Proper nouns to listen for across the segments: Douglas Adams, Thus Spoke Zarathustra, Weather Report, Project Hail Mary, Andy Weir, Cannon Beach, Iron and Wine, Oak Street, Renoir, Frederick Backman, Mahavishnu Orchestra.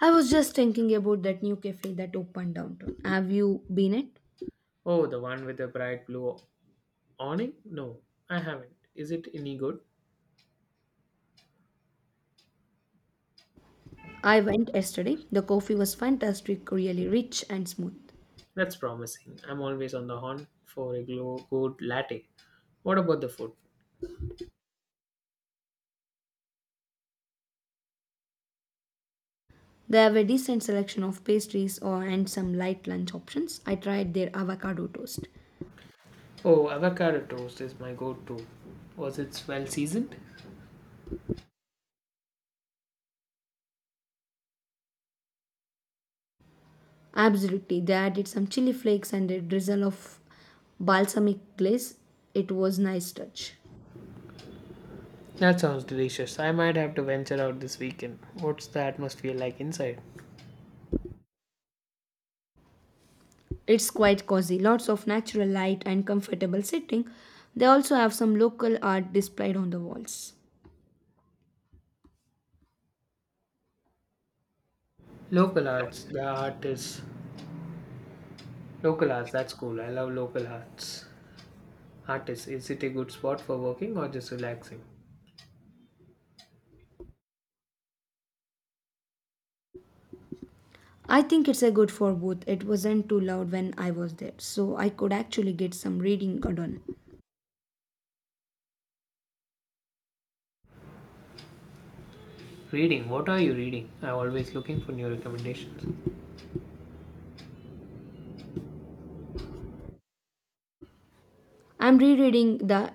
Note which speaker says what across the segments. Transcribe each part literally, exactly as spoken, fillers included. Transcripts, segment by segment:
Speaker 1: I was just thinking about that new cafe that opened downtown. Have you been it?
Speaker 2: Oh, the one with the bright blue awning? No, I haven't. Is it any good?
Speaker 1: I went yesterday. The coffee was fantastic, really rich and smooth.
Speaker 2: That's promising. I'm always on the hunt for a glow good latte. What about the food?
Speaker 1: They have a decent selection of pastries or and some light lunch options. I tried their avocado toast.
Speaker 2: Oh, avocado toast is my go to. Was it well seasoned?
Speaker 1: Absolutely, they added some chili flakes and a drizzle of balsamic glaze. It was nice touch.
Speaker 2: That sounds delicious. I might have to venture out this weekend. What's the atmosphere like inside?
Speaker 1: It's quite cozy. Lots of natural light and comfortable sitting. They also have some local art displayed on the walls.
Speaker 2: Local arts. The art is. Local arts, that's cool. I love local arts. Artists, is it a good spot for working or just relaxing?
Speaker 1: I think it's a good for both. It wasn't too loud when I was there, so I could actually get some reading done.
Speaker 2: Reading? What are you reading? I'm always looking for new recommendations.
Speaker 1: I'm rereading the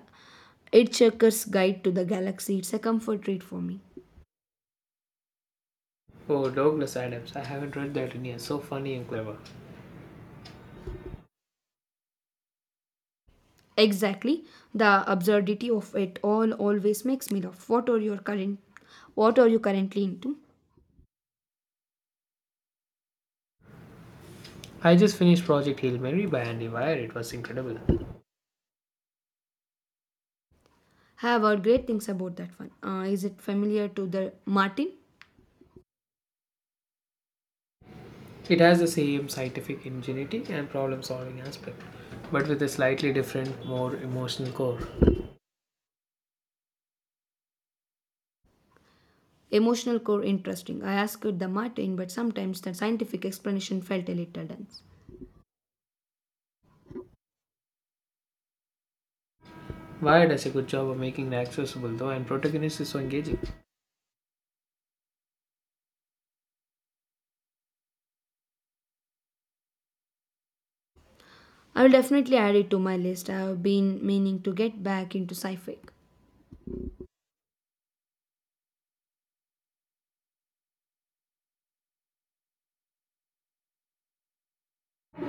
Speaker 1: Hitchhiker's Guide to the Galaxy. It's a comfort read for me.
Speaker 2: Oh, Douglas Adams. I haven't read that in years. So funny and clever.
Speaker 1: Exactly. The absurdity of it all always makes me laugh. What are your current what are you currently into?
Speaker 2: I just finished Project Hail Mary by Andy Weir. It was incredible.
Speaker 1: Have heard great things about that one. Uh, is it familiar to the Martin?
Speaker 2: It has the same scientific ingenuity and problem solving aspect, but with a slightly different, more emotional core.
Speaker 1: Emotional core interesting. I asked the Martin, but sometimes the scientific explanation felt a little dense.
Speaker 2: Weir does a good job of making it accessible though, and protagonist is so engaging.
Speaker 1: I will definitely add it to my list. I have been meaning to get back into sci-fi.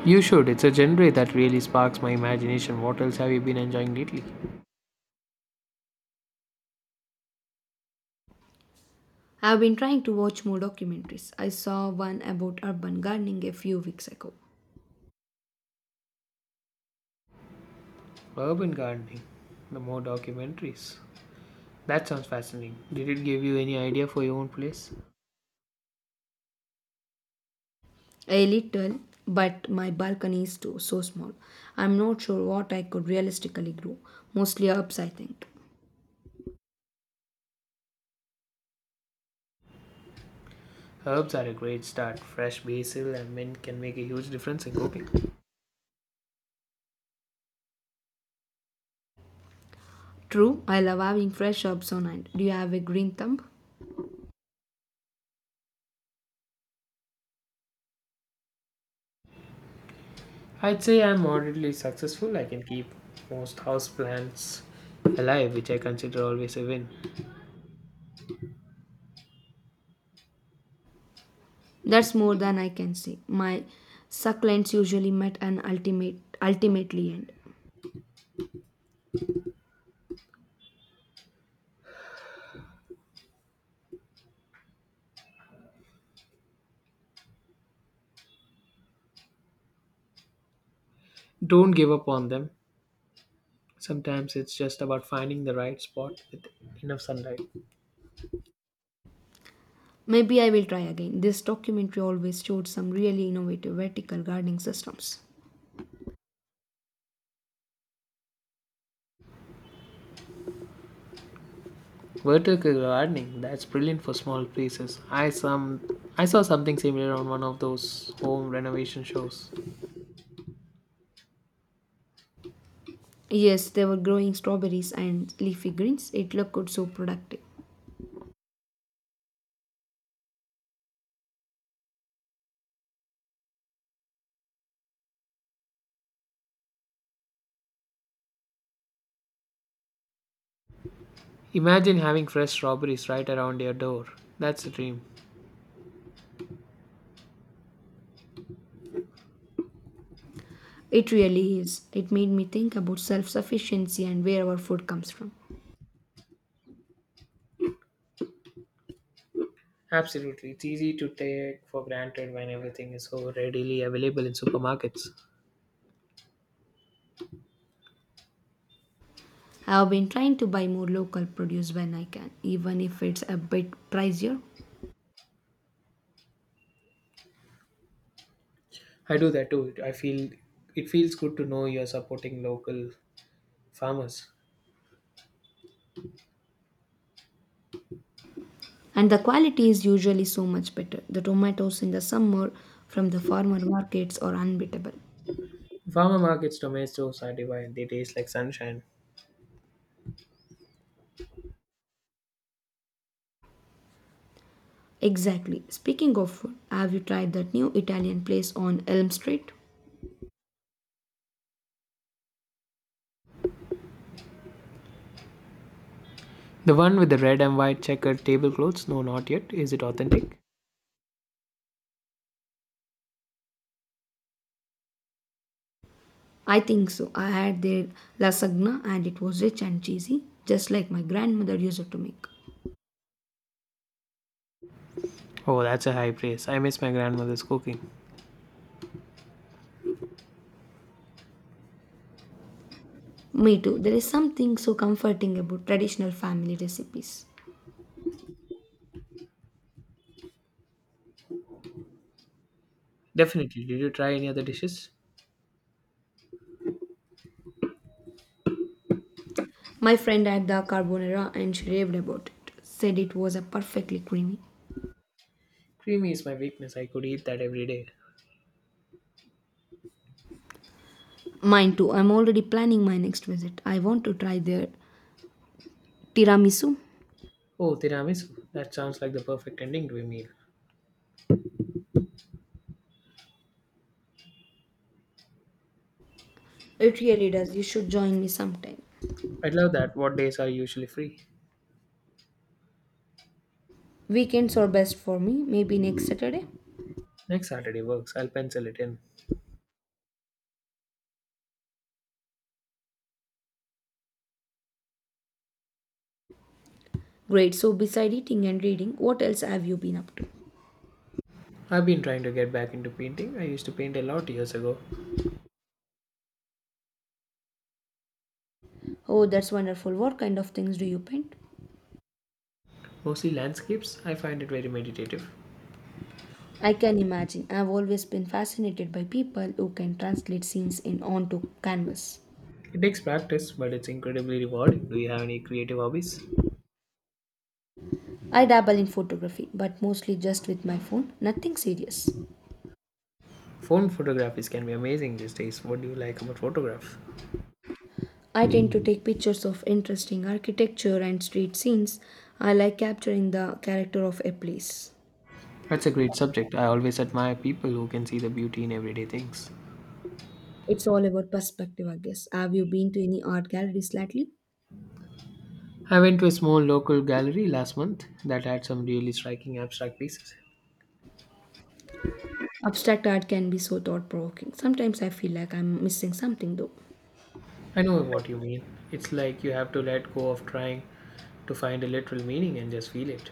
Speaker 2: You should. It's a genre that really sparks my imagination. What else have you been enjoying lately?
Speaker 1: I have been trying to watch more documentaries. I saw one about urban gardening a few weeks ago.
Speaker 2: Urban gardening. The more documentaries, that sounds fascinating. Did it give you any idea for your own place?
Speaker 1: A little, but my balcony is too, so small. I'm not sure what I could realistically grow. Mostly herbs, I think.
Speaker 2: Herbs are a great start. Fresh basil and mint can make a huge difference in cooking.
Speaker 1: True, I love having fresh herbs on hand. Do you have a green thumb?
Speaker 2: I'd say I'm moderately successful. I can keep most houseplants alive, which I consider always a win.
Speaker 1: That's more than I can say. My succulents usually met an ultimate ultimately end.
Speaker 2: Don't give up on them. Sometimes it's just about finding the right spot with enough sunlight.
Speaker 1: Maybe I will try again. This documentary always showed some really innovative vertical gardening systems.
Speaker 2: Vertical gardening, that's brilliant for small places. I some I saw something similar on one of those home renovation shows.
Speaker 1: Yes, they were growing strawberries and leafy greens. It looked so productive.
Speaker 2: Imagine having fresh strawberries right around your door. That's the dream.
Speaker 1: It really is. It made me think about self sufficiency and where our food comes from.
Speaker 2: Absolutely. It's easy to take for granted when everything is so readily available in supermarkets.
Speaker 1: I have been trying to buy more local produce when I can, even if it's a bit pricier.
Speaker 2: I do that too. I feel It feels good to know you're supporting local farmers.
Speaker 1: And the quality is usually so much better. The tomatoes in the summer from the farmer markets are unbeatable.
Speaker 2: Farmer markets tomatoes are divine. They taste like sunshine.
Speaker 1: Exactly. Speaking of food, have you tried that new Italian place on Elm Street?
Speaker 2: The one with the red and white checkered tablecloths? No, not yet. Is it authentic?
Speaker 1: I think so. I had their lasagna and it was rich and cheesy, just like my grandmother used to make.
Speaker 2: Oh, that's a high praise. I miss my grandmother's cooking.
Speaker 1: Me too. There is something so comforting about traditional family recipes.
Speaker 2: Definitely. Did you try any other dishes?
Speaker 1: My friend had the carbonara and she raved about it, said it was a perfectly creamy.
Speaker 2: Creamy is my weakness. I could eat that every day.
Speaker 1: Mine too. I'm already planning my next visit. I want to try their tiramisu.
Speaker 2: Oh, tiramisu. That sounds like the perfect ending to a meal.
Speaker 1: It really does. You should join me sometime.
Speaker 2: I'd love that. What days are usually free?
Speaker 1: Weekends are best for me, maybe next Saturday.
Speaker 2: Next Saturday works. I'll pencil it in.
Speaker 1: Great. So, beside eating and reading, what else have you been up to?
Speaker 2: I've been trying to get back into painting. I used to paint a lot years ago,
Speaker 1: Oh, that's wonderful. What kind of things do you paint?
Speaker 2: mostly landscapes. I find it very meditative.
Speaker 1: I can imagine. I've always been fascinated by people who can translate scenes in onto canvas.
Speaker 2: It takes practice, but it's incredibly rewarding. Do you have any creative hobbies?
Speaker 1: I dabble in photography, but mostly just with my phone, nothing serious.
Speaker 2: Phone photographies can be amazing these days. What do you like about photograph?
Speaker 1: I tend to take pictures of interesting architecture and street scenes. I like capturing the character of a place.
Speaker 2: That's a great subject. I always admire people who can see the beauty in everyday things.
Speaker 1: It's all about perspective, I guess. Have you been to any art galleries lately?
Speaker 2: I went to a small local gallery last month that had some really striking abstract pieces.
Speaker 1: Abstract art can be so thought provoking. Sometimes I feel like I'm missing something though.
Speaker 2: I know what you mean. It's like you have to let go of trying to find a literal meaning and just feel it.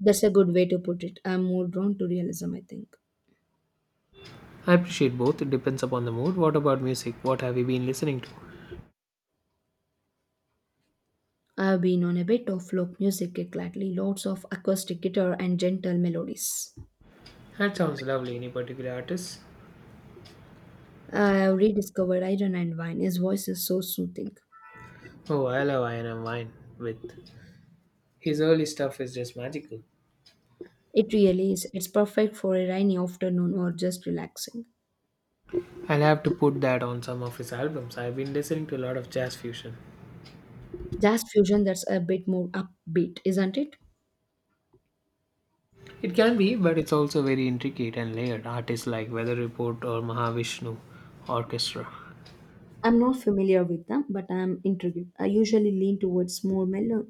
Speaker 1: That's a good way to put it. I'm more drawn to realism, I think.
Speaker 2: I appreciate both. It depends upon the mood. What about music? What have you been listening to?
Speaker 1: I've been on a bit of folk music kick lately, lots of acoustic guitar and gentle melodies.
Speaker 2: That sounds lovely. Any particular artist?
Speaker 1: I've rediscovered Iron and Wine. His voice is so soothing.
Speaker 2: Oh, I love Iron and Wine with. His early stuff is just magical.
Speaker 1: It really is. It's perfect for a rainy afternoon or just relaxing.
Speaker 2: I'll have to put that on some of his albums. I've been listening to a lot of jazz fusion.
Speaker 1: Jazz fusion that's a bit more upbeat, isn't it?
Speaker 2: It can be, but it's also very intricate and layered. Artists like Weather Report or Mahavishnu Orchestra.
Speaker 1: I'm not familiar with them, but I'm intrigued. I usually lean towards more mellow,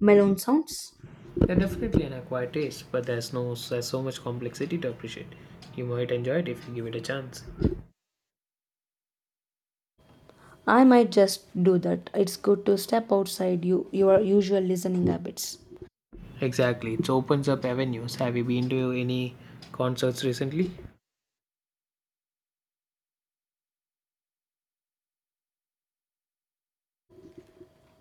Speaker 1: mellow sounds.
Speaker 2: They're definitely an acquired taste, but there's no there's so much complexity to appreciate. You might enjoy it if you give it a chance.
Speaker 1: I might just do that. It's good to step outside you, your usual listening habits.
Speaker 2: Exactly, it opens up avenues. Have you been to any concerts recently?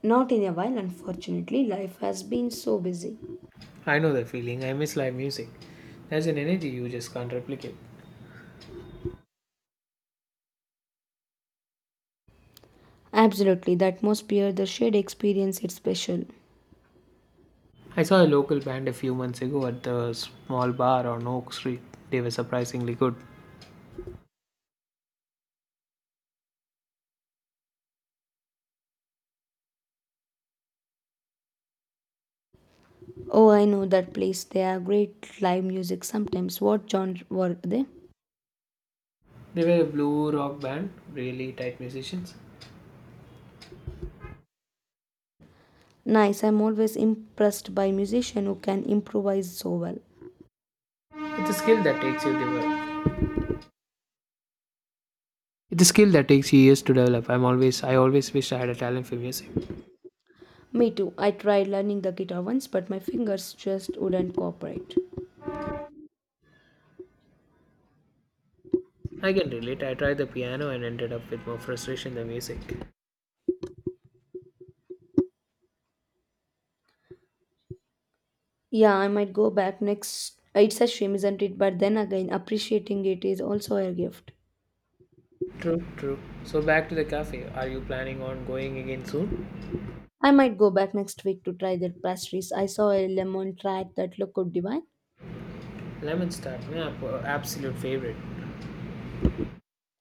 Speaker 1: Not in a while, unfortunately. Life has been so busy.
Speaker 2: I know the feeling. I miss live music. There's an energy you just can't replicate.
Speaker 1: Absolutely, the atmosphere, the shared experience, it's special.
Speaker 2: I saw a local band a few months ago at the small bar on Oak Street. They were surprisingly good.
Speaker 1: Oh, I know that place. They have great live music sometimes. What genre were they?
Speaker 2: They were a blue rock band, really tight musicians.
Speaker 1: Nice, I'm always impressed by musicians who can improvise so well.
Speaker 2: It's a skill that takes you develop. It's a skill that takes years to develop. I'm always I always wished I had a talent for music.
Speaker 1: Me too. I tried learning the guitar once, but my fingers just wouldn't cooperate.
Speaker 2: I can relate. I tried the piano and ended up with more frustration than music.
Speaker 1: Yeah, I might go back next. uh, It's a shame, isn't it? But then again, appreciating it is also a gift.
Speaker 2: True, true. So back to the cafe. Are you planning on going again soon?
Speaker 1: I might go back next week to try their pastries. I saw a lemon tart that looked divine.
Speaker 2: Lemon tart, yeah, p- absolute favorite.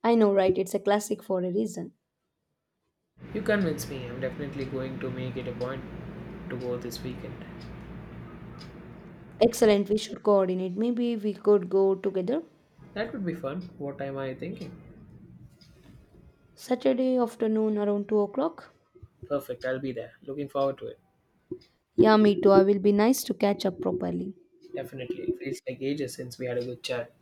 Speaker 1: I know, right? It's a classic for a reason.
Speaker 2: You convince me. I'm definitely going to make it a point to go this weekend.
Speaker 1: Excellent. We should coordinate. Maybe we could go together
Speaker 2: That would be fun. What time are you thinking?
Speaker 1: Saturday afternoon around two o'clock.
Speaker 2: Perfect. I'll be there. Looking forward to it.
Speaker 1: Yeah, me too. I will be nice to catch up properly.
Speaker 2: Definitely. It feels like ages since we had a good chat.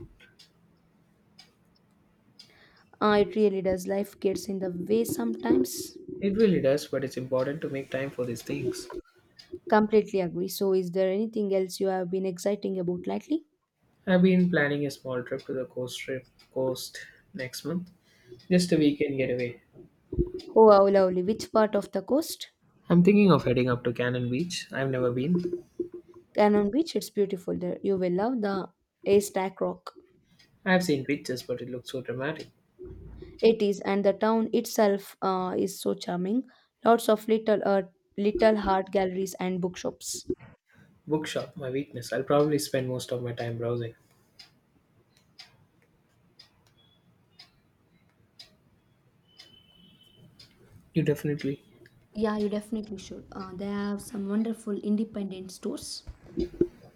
Speaker 1: Uh, it really does. Life gets in the way sometimes.
Speaker 2: It really does, but it's important to make time for these things.
Speaker 1: Completely agree. So, is there anything else you have been exciting about lately?
Speaker 2: I've been planning a small trip to the coast trip coast next month. Just a weekend getaway.
Speaker 1: Oh, how lovely. Which part of the coast?
Speaker 2: I'm thinking of heading up to Cannon Beach. I've never been.
Speaker 1: Cannon Beach, it's beautiful there. You will love the Haystack Rock.
Speaker 2: I've seen pictures, but it looks so dramatic.
Speaker 1: It is, and the town itself uh, is so charming. Lots of little uh, little art galleries and bookshops.
Speaker 2: Bookshop, my weakness. I'll probably spend most of my time browsing. You definitely.
Speaker 1: Yeah, you definitely should. Uh, they have some wonderful independent stores.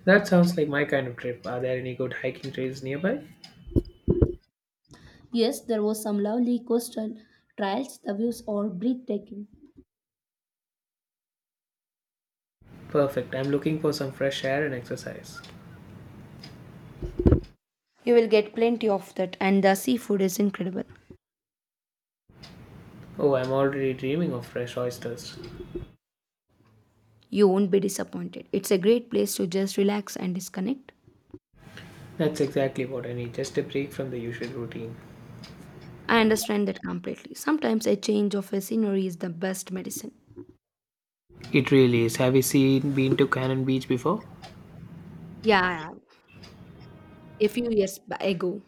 Speaker 2: That sounds like my kind of trip. Are there any good hiking trails nearby?
Speaker 1: Yes, there was some lovely coastal trails. The views are breathtaking.
Speaker 2: Perfect. I'm looking for some fresh air and exercise.
Speaker 1: You will get plenty of that, and the seafood is incredible.
Speaker 2: Oh, I'm already dreaming of fresh oysters.
Speaker 1: You won't be disappointed. It's a great place to just relax and disconnect.
Speaker 2: That's exactly what I need, just a break from the usual routine.
Speaker 1: I understand that completely. Sometimes a change of a scenery is the best medicine.
Speaker 2: It really is. Have you seen been to Cannon Beach before?
Speaker 1: Yeah, yeah, a few years ba- ago.